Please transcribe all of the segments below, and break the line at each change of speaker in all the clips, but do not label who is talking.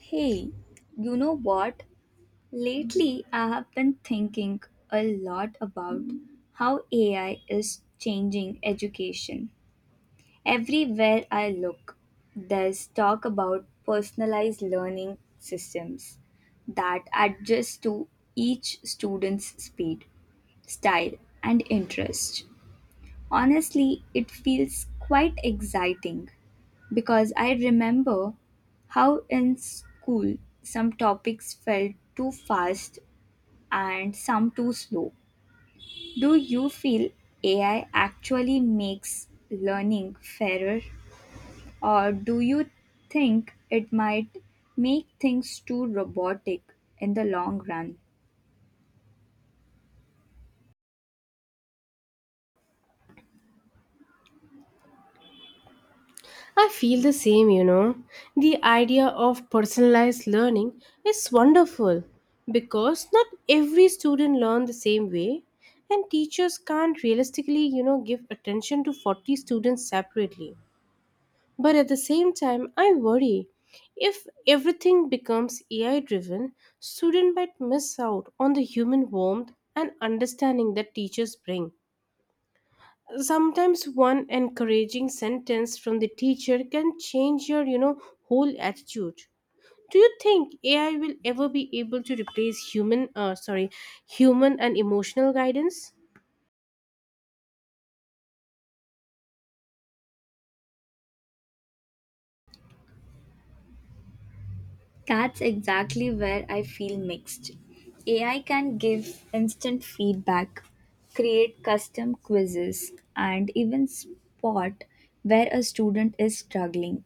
Hey, you know what? Lately, I have been thinking a lot about how AI is changing education. Everywhere I look, there's talk about personalized learning systems that adjust to each student's speed, style, and interest. Honestly, it feels quite exciting because I remember how in school some topics felt too fast and some too slow. Do you feel AI actually makes learning fairer, or do you think it might make things too robotic in the long run?
I feel the same, you know. The idea of personalized learning is wonderful because not every student learns the same way and teachers can't realistically, you know, give attention to 40 students separately. But at the same time, I worry if everything becomes AI driven, students might miss out on the human warmth and understanding that teachers bring. Sometimes one encouraging sentence from the teacher can change your whole attitude. Do you think AI will ever be able to replace human sorry, human and emotional guidance?
That's exactly where I feel mixed. AI can give instant feedback, create custom quizzes, and even spot where a student is struggling,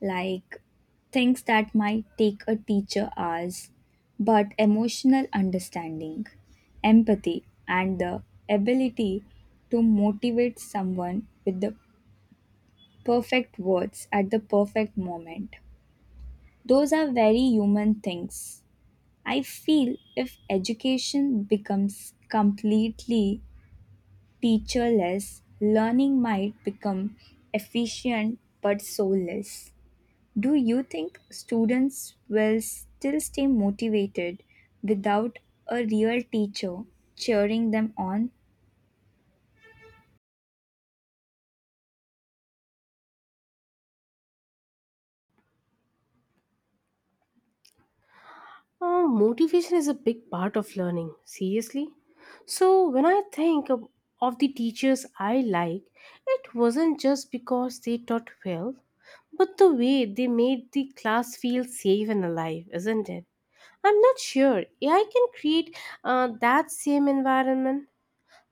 like things that might take a teacher hours. But emotional understanding, empathy, and the ability to motivate someone with the perfect words at the perfect moment. Those are very human things. I feel if education becomes completely teacherless, learning might become efficient but soulless. Do you think students will still stay motivated without a real teacher cheering them on?
Motivation is a big part of learning, seriously. So when I think of the teachers I like, it wasn't just because they taught well, but the way they made the class feel safe and alive, isn't it? I'm not sure AI can create that same environment.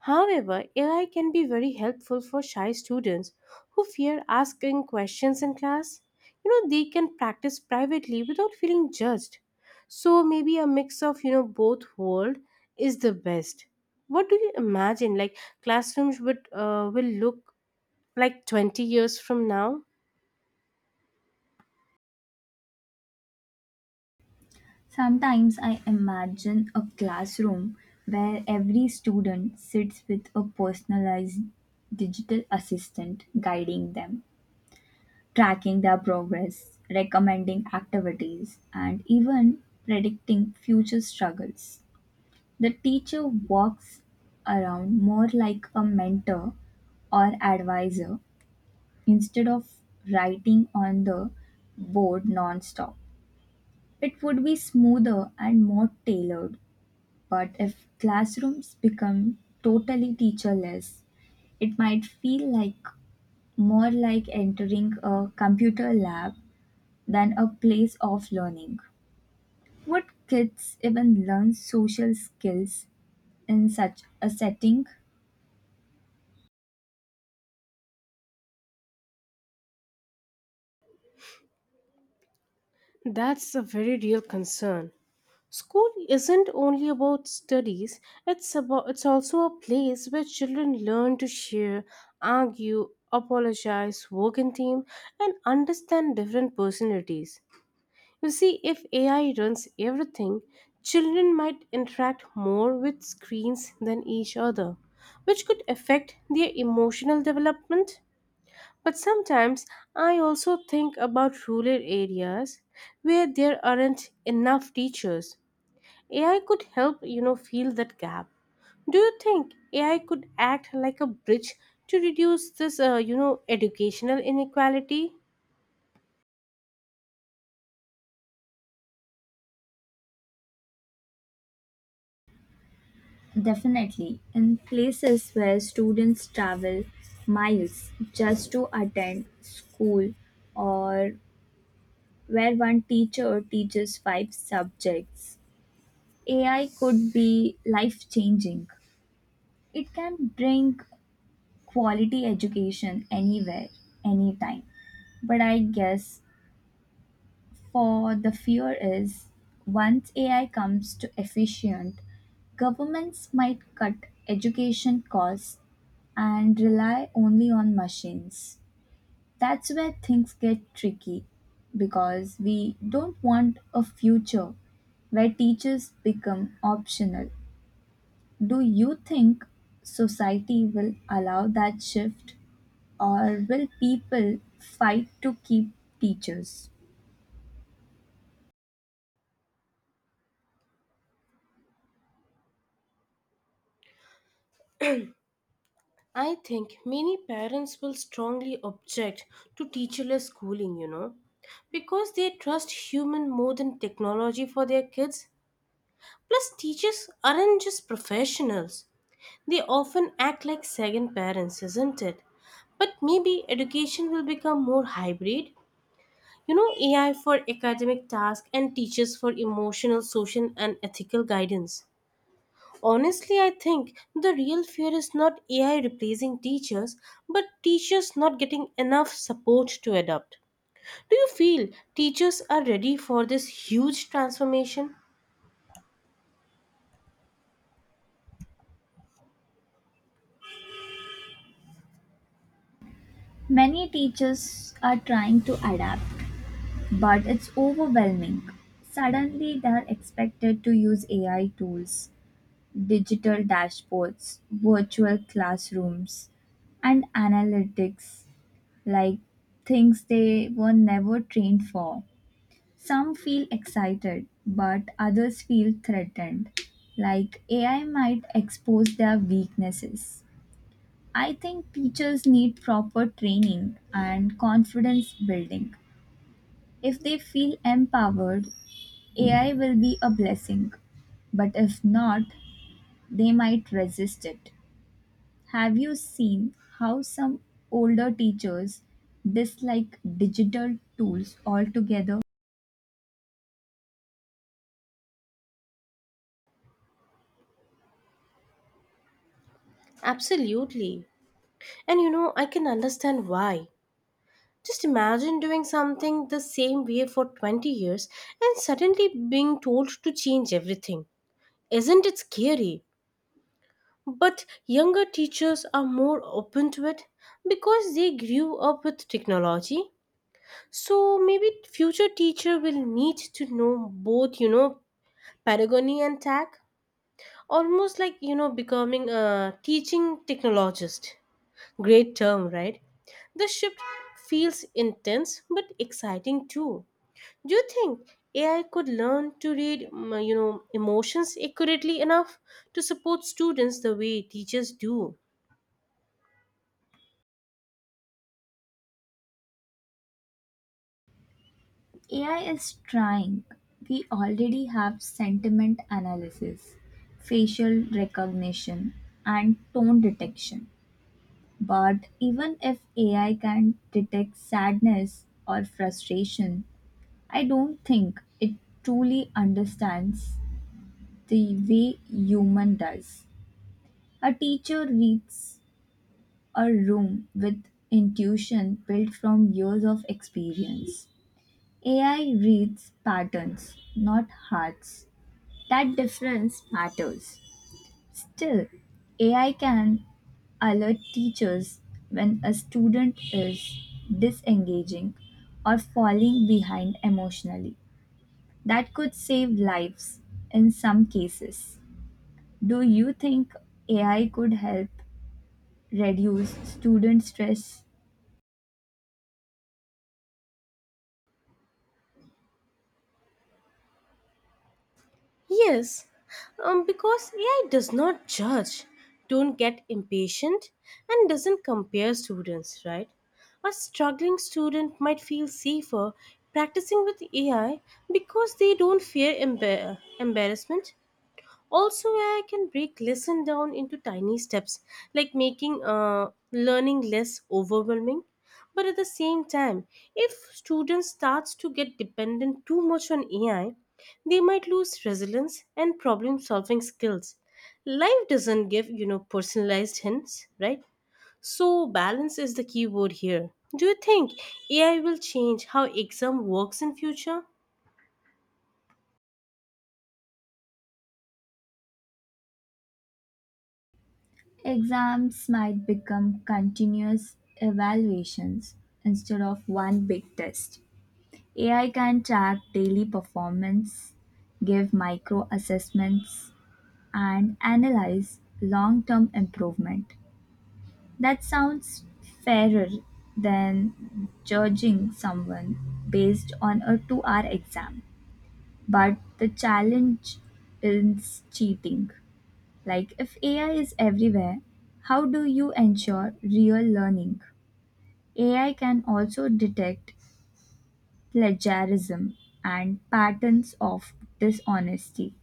However, AI can be very helpful for shy students who fear asking questions in class. You know, they can practice privately without feeling judged. So maybe a mix of, you know, both world is the best. What do you imagine, like, classrooms would will look like 20 years from now?
Sometimes I imagine a classroom where every student sits with a personalized digital assistant guiding them, tracking their progress, recommending activities, and even predicting future struggles. The teacher walks around more like a mentor or advisor instead of writing on the board non-stop. It would be smoother and more tailored, but if classrooms become totally teacherless, it might feel like more like entering a computer lab than a place of learning. Would kids even learn social skills in such a setting?
That's a very real concern. School isn't only about studies, it's also a place where children learn to share, argue, apologize, work in team, and understand different personalities. You see, if AI runs everything, children might interact more with screens than each other, which could affect their emotional development. But sometimes I also think about rural areas where there aren't enough teachers. AI could help, you know, fill that gap. Do you think AI could act like a bridge to reduce this, you know, educational inequality?
Definitely. In places where students travel miles just to attend school or where one teacher teaches five subjects, AI could be life changing. It can bring quality education anywhere, anytime, but I guess for the fear is, once AI comes to efficient, governments might cut education costs and rely only on machines. That's where things get tricky because we don't want a future where teachers become optional. Do you think society will allow that shift, or will people fight to keep teachers?
I think many parents will strongly object to teacherless schooling, you know, because they trust human more than technology for their kids. Plus, teachers aren't just professionals, they often act like second parents, isn't it? But maybe education will become more hybrid. You know, AI for academic tasks and teachers for emotional, social, and ethical guidance. Honestly, I think the real fear is not AI replacing teachers, but teachers not getting enough support to adapt. Do you feel teachers are ready for this huge transformation?
Many teachers are trying to adapt, but it's overwhelming. Suddenly, they are expected to use AI tools, digital dashboards, virtual classrooms, and analytics, like things they were never trained for. Some feel excited, but others feel threatened, like AI might expose their weaknesses. I think teachers need proper training and confidence building. If they feel empowered, AI will be a blessing. But if not, they might resist it. Have you seen how some older teachers dislike digital tools altogether?
Absolutely. And you know, I can understand why. Just imagine doing something the same way for 20 years and suddenly being told to change everything. Isn't it scary? But younger teachers are more open to it because they grew up with technology. So maybe future teacher will need to know both, you know, pedagogy and tech, almost like, you know, becoming a teaching technologist. Great term, right? The shift feels intense but exciting too. Do you think AI could learn to read, you know, emotions accurately enough to support students the way teachers do?
AI is trying. We already have sentiment analysis, facial recognition, and tone detection. But even if AI can detect sadness or frustration, I don't think it truly understands the way human does. A teacher reads a room with intuition built from years of experience. AI reads patterns, not hearts. That difference matters. Still, AI can alert teachers when a student is disengaging or falling behind emotionally. That could save lives in some cases. Do you think AI could help reduce student stress?
Yes, because AI does not judge, don't get impatient, and doesn't compare students, right? A struggling student might feel safer practicing with AI because they don't fear embarrassment. Also, yeah, I can break lesson down into tiny steps, like making learning less overwhelming. But at the same time, if students starts to get dependent too much on AI, they might lose resilience and problem solving skills. Life doesn't give, you know, personalized hints, right? So balance is the key word here. Do you think AI will change how exam works in future?
Exams might become continuous evaluations instead of one big test. AI can track daily performance, give micro assessments, and analyze long-term improvement. That sounds fairer than judging someone based on a 2-hour exam. But the challenge is cheating. Like, if AI is everywhere, how do you ensure real learning? AI can also detect plagiarism and patterns of dishonesty.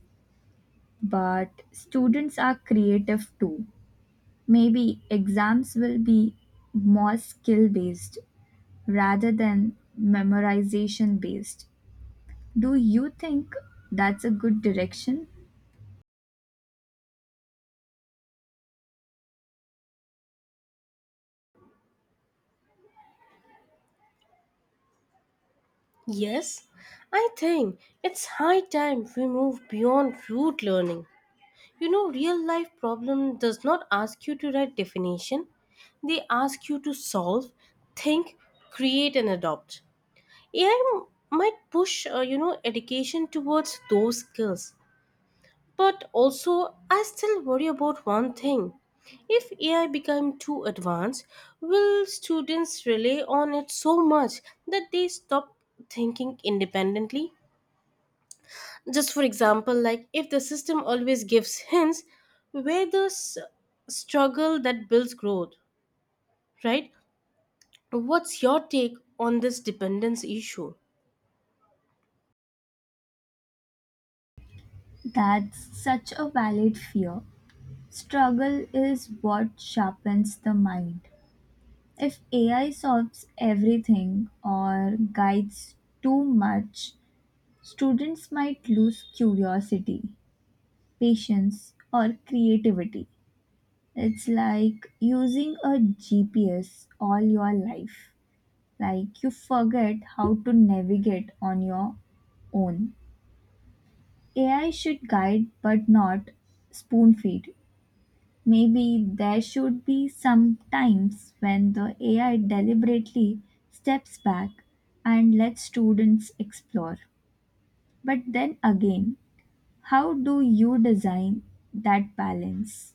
But students are creative too. Maybe exams will be more skill based rather than memorization based. Do you think that's a good direction?
Yes, I think it's high time we move beyond rote learning. You know, real life problem does not ask you to write definition. They ask you to solve, think, create and adopt. AI might push, you know, education towards those skills. But also, I still worry about one thing. If AI become too advanced, will students rely on it so much that they stop thinking independently? Just for example, like, if the system always gives hints where the struggle that builds growth, right? What's your take on this dependence issue?
That's such a valid fear. Struggle is what sharpens the mind. If AI solves everything or guides too much, students might lose curiosity, patience, or creativity. It's like using a GPS all your life. Like, you forget how to navigate on your own. AI should guide but not spoon feed. Maybe there should be some times when the AI deliberately steps back and lets students explore. But then again, how do you design that balance?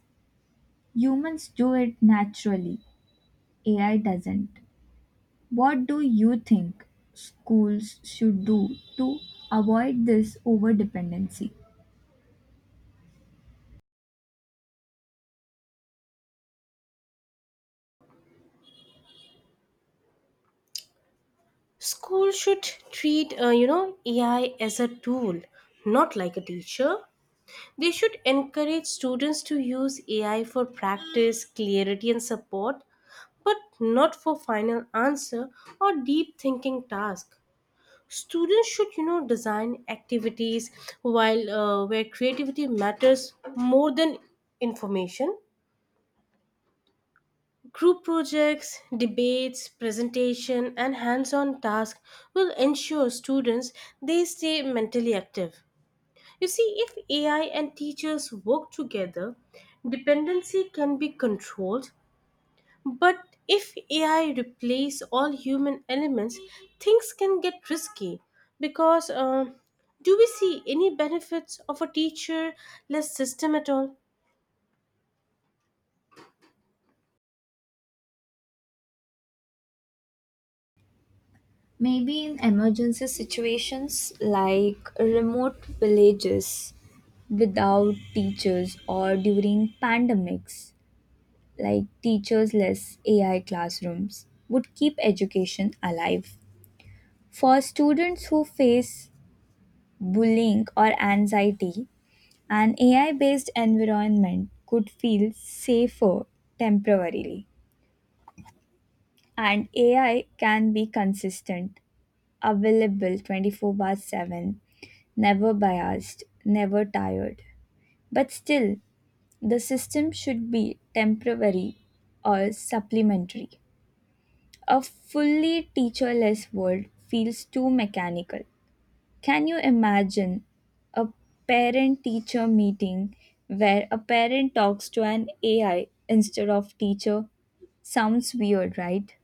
Humans do it naturally, AI doesn't. What do you think schools should do to avoid this overdependency?
School should treat, you know, AI as a tool, not like a teacher. They should encourage students to use AI for practice, clarity and support, but not for final answer or deep thinking task. Students should, you know, design activities while where creativity matters more than information. Group projects, debates, presentation and hands-on tasks will ensure students, they stay mentally active. You see, if AI and teachers work together, dependency can be controlled. But if AI replace all human elements, things can get risky because, do we see any benefits of a teacher less system at all?
Maybe in emergency situations like remote villages without teachers or during pandemics, like teachersless AI classrooms would keep education alive. For students who face bullying or anxiety, an AI based environment could feel safer temporarily. And AI can be consistent, available 24 by 7, never biased, never tired. But still, the system should be temporary or supplementary. A fully teacherless world feels too mechanical. Can you imagine a parent teacher meeting where a parent talks to an AI instead of teacher? Sounds weird, right?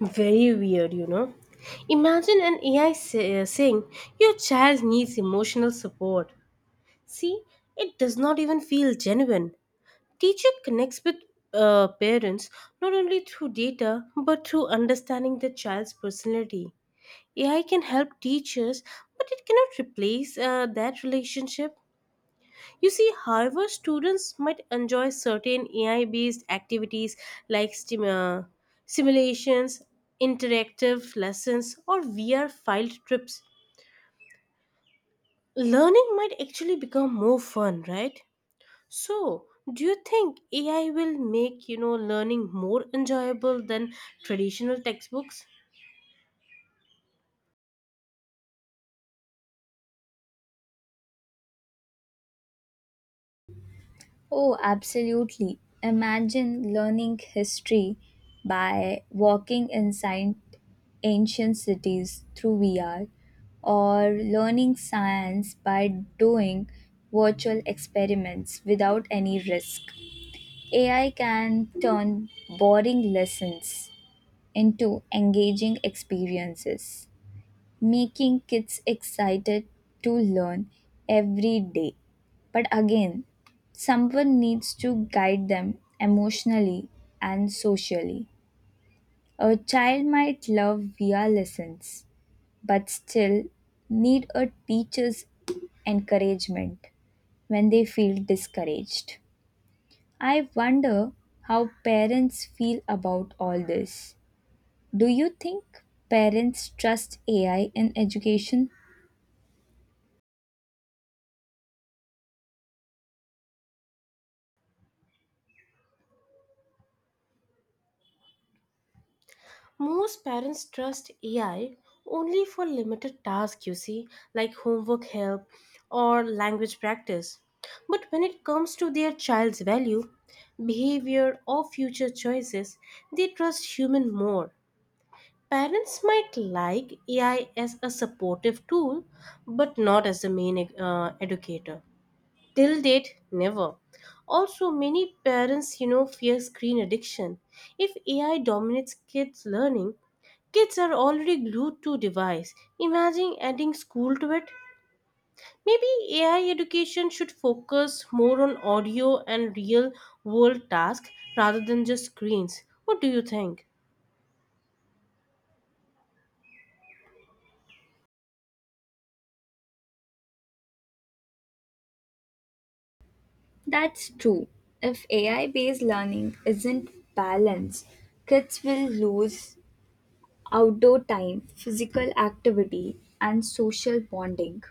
Very weird, you know. Imagine an AI saying your child needs emotional support. See, it does not even feel genuine. Teacher connects with parents not only through data but through understanding the child's personality. AI can help teachers, but it cannot replace that relationship. You see, however, students might enjoy certain AI based activities, like simulations, interactive lessons, or VR filed trips. Learning might actually become more fun, right? So, do you think AI will make, you know, learning more enjoyable than traditional textbooks?
Oh, absolutely. Imagine learning history by walking inside ancient cities through VR, or learning science by doing virtual experiments without any risk. AI can turn boring lessons into engaging experiences, making kids excited to learn every day. But again, someone needs to guide them emotionally and socially. A child might love VR lessons, but still need a teacher's encouragement when they feel discouraged. I wonder how parents feel about all this. Do you think parents trust AI in education?
Most parents trust AI only for limited tasks, you see, like homework help or language practice. But when it comes to their child's value, behavior, or future choices, they trust human more. Parents might like AI as a supportive tool, but not as the main educator. Till date, never. Also, many parents, you know, fear screen addiction. If AI dominates kids' learning, kids are already glued to device. Imagine adding school to it. Maybe AI education should focus more on audio and real world tasks rather than just screens. What do you think?
That's true. If AI based learning isn't balanced, kids will lose outdoor time, physical activity, and social bonding.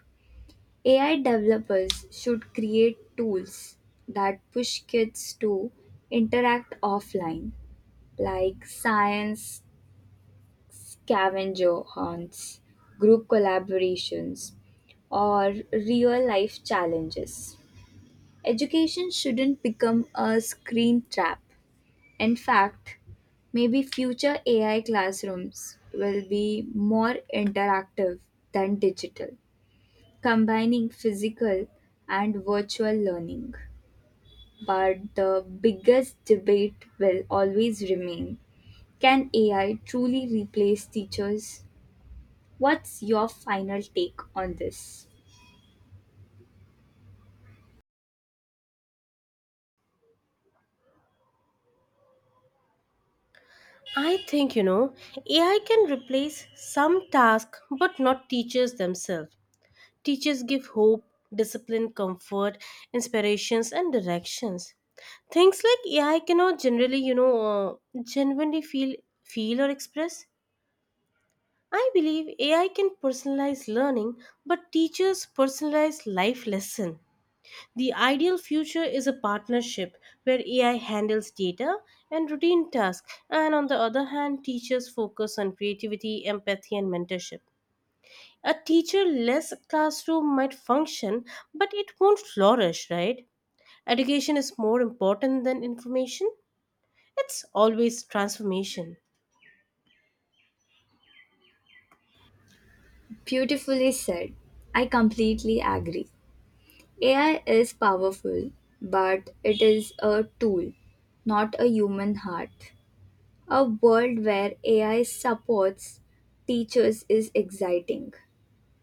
AI developers should create tools that push kids to interact offline, like science scavenger hunts, group collaborations, or real life challenges. Education shouldn't become a screen trap. In fact, maybe future AI classrooms will be more interactive than digital, combining physical and virtual learning. But the biggest debate will always remain, can AI truly replace teachers? What's your final take on this?
I think, you know, AI can replace some tasks but not teachers themselves. Teachers give hope, discipline, comfort, inspirations, and directions. Things like AI cannot generally, you know, genuinely feel or express. I believe AI can personalize learning, but teachers personalize life lesson. The ideal future is a partnership where AI handles data and routine tasks, and on the other hand, teachers focus on creativity, empathy, and mentorship. A teacher-less classroom might function, but it won't flourish, right? Education is more important than information. It's always transformation.
Beautifully said. I completely agree. AI is powerful, but it is a tool, not a human heart. A world where AI supports teachers is exciting,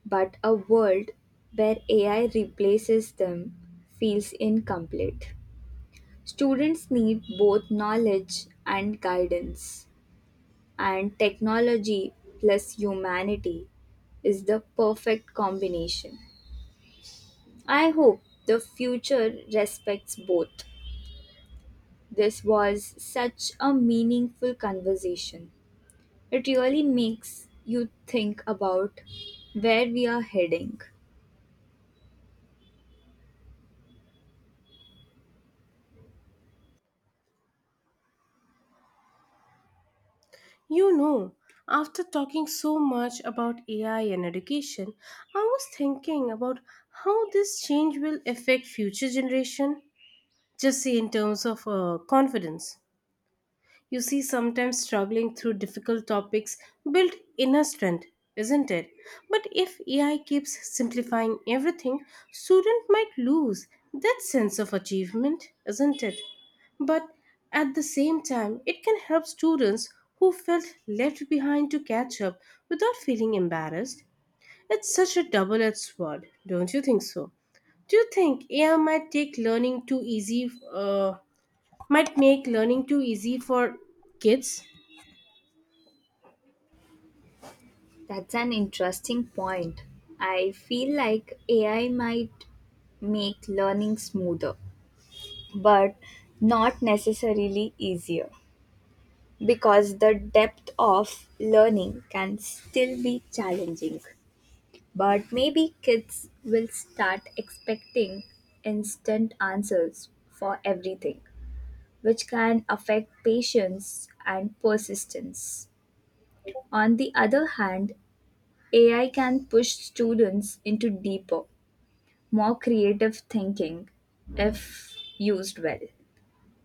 but a world where AI replaces them feels incomplete. Students need both knowledge and guidance, and technology plus humanity is the perfect combination. I hope the future respects both. This was such a meaningful conversation. It really makes you think about where we are heading.
You know, after talking so much about AI and education, I was thinking about how this change will affect future generation, just say in terms of confidence. You see, sometimes struggling through difficult topics build inner strength, isn't it? But if AI keeps simplifying everything, students might lose that sense of achievement, isn't it? But at the same time, it can help students who felt left behind to catch up without feeling embarrassed. It's such a double edged sword, don't you think so? Do you think AI might take learning too easy might make learning too easy for kids?
That's an interesting point. I feel like AI might make learning smoother, but not necessarily easier because the depth of learning can still be challenging. But maybe kids will start expecting instant answers for everything, which can affect patience and persistence. On the other hand, AI can push students into deeper, more creative thinking if used well.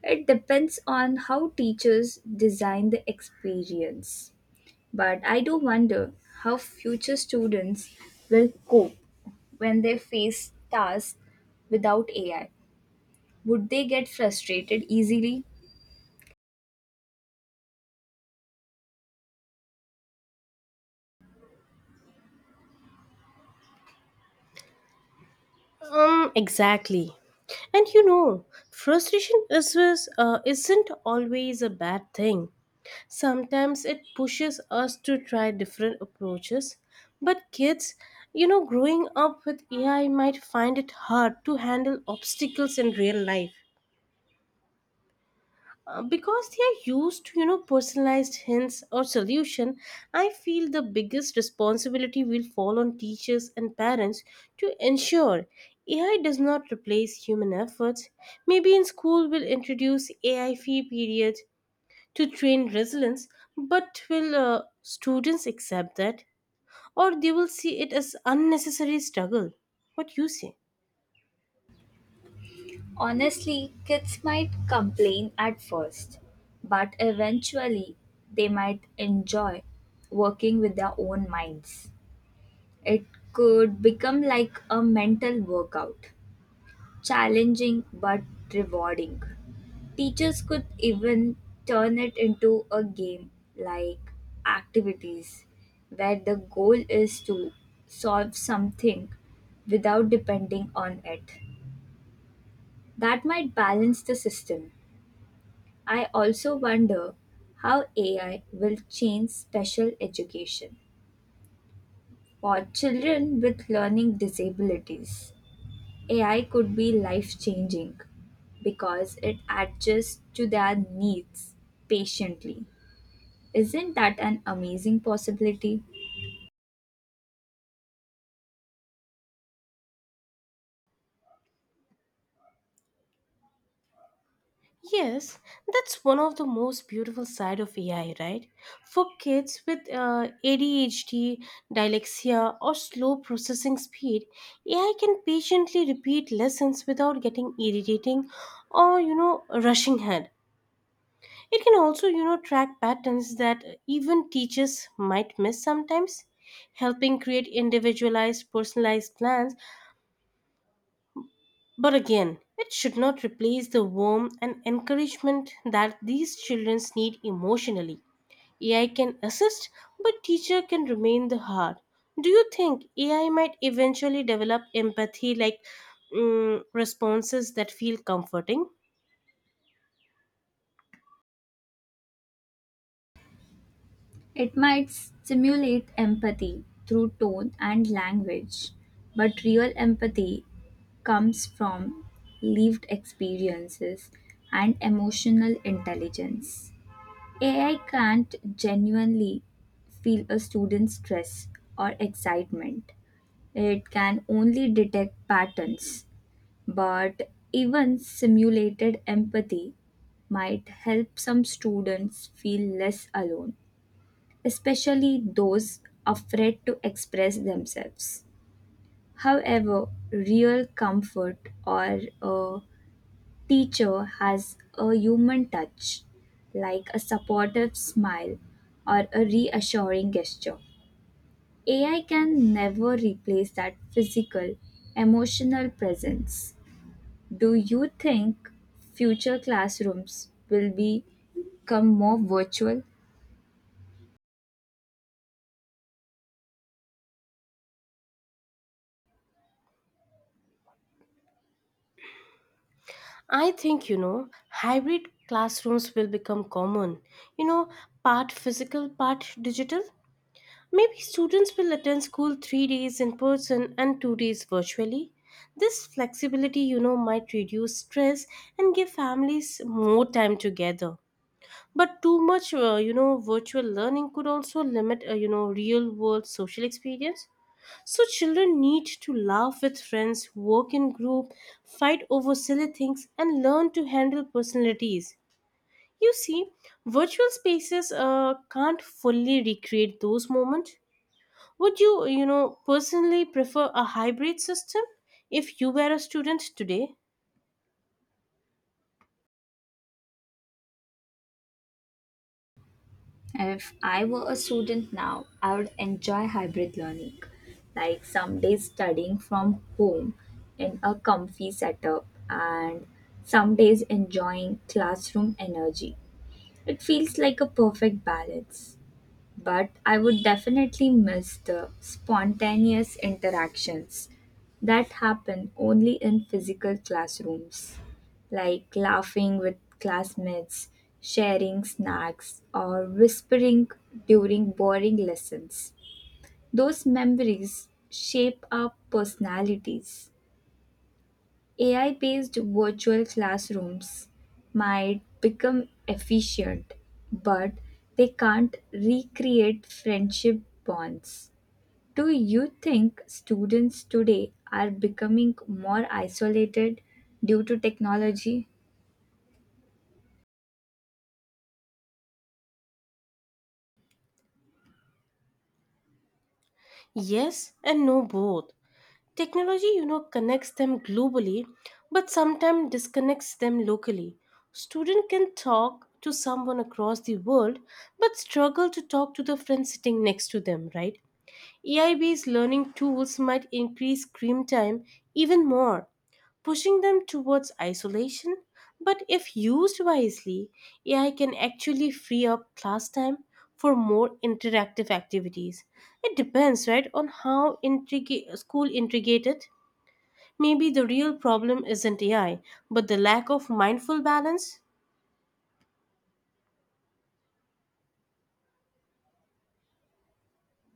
It depends on how teachers design the experience. But I do wonder how future students will cope when they face tasks without AI. Would they get frustrated easily?
Exactly. And you know, frustration isn't always a bad thing. Sometimes it pushes us to try different approaches. But kids, you know, growing up with AI might find it hard to handle obstacles in real life. Because they are used to, you know, personalized hints or solution. I feel the biggest responsibility will fall on teachers and parents to ensure AI does not replace human efforts. Maybe in school we'll introduce AI fee periods to train resilience. But will, students accept that, or they will see it as unnecessary struggle? What you say?
Honestly, kids might complain at first, but eventually they might enjoy working with their own minds. It could become like a mental workout, challenging but rewarding. Teachers could even turn it into a game, like activities where the goal is to solve something without depending on it. That might balance the system. I also wonder how AI will change special education for children with learning disabilities. AI could be life changing because it adjusts to their needs patiently. Isn't that an amazing possibility?
Yes, that's one of the most beautiful side of AI, right? For kids with ADHD, dyslexia, or slow processing speed, AI can patiently repeat lessons without getting irritating or, you know, rushing ahead. It can also, you know, track patterns that even teachers might miss sometimes, helping create individualized, personalized plans. But again, it should not replace the warmth and encouragement that these children need emotionally. AI can assist, but teacher can remain the heart. Do you think AI might eventually develop empathy, like, responses that feel comforting?
It might stimulate empathy through tone and language, but real empathy comes from lived experiences and emotional intelligence. AI can't genuinely feel a student's stress or excitement. It can only detect patterns, but even simulated empathy might help some students feel less alone, especially those afraid to express themselves. However, real comfort or a teacher has a human touch, like a supportive smile or a reassuring gesture. AI can never replace that physical, emotional presence. Do you think future classrooms will become more virtual?
I think, you know, hybrid classrooms will become common. You know, part physical, part digital. Maybe students will attend school 3 days in person and 2 days virtually. This flexibility, you know, might reduce stress and give families more time together. But too much, you know, virtual learning could also limit, you know, real world social experience. So children need to laugh with friends, work in group, fight over silly things, and learn to handle personalities. You see, virtual spaces can't fully recreate those moments. Would you, you know, personally prefer a hybrid system if you were a student today?
If I were a student now, I would enjoy hybrid learning, like some days studying from home in a comfy setup and some days enjoying classroom energy. It feels like a perfect balance. But I would definitely miss the spontaneous interactions that happen only in physical classrooms, like laughing with classmates, sharing snacks, or whispering during boring lessons. Those memories shape our personalities. AI based virtual classrooms might become efficient, but they can't recreate friendship bonds. Do you think students today are becoming more isolated due to technology?
Yes and no both. Technology, you know, connects them globally but sometimes disconnects them locally. Student can talk to someone across the world but struggle to talk to the friend sitting next to them, right? AIB's learning tools might increase screen time even more, pushing them towards isolation. But if used wisely, AI can actually free up class time for more interactive activities. It depends, right, on how intrigue school intricated. Maybe the real problem isn't AI, but the lack of mindful balance.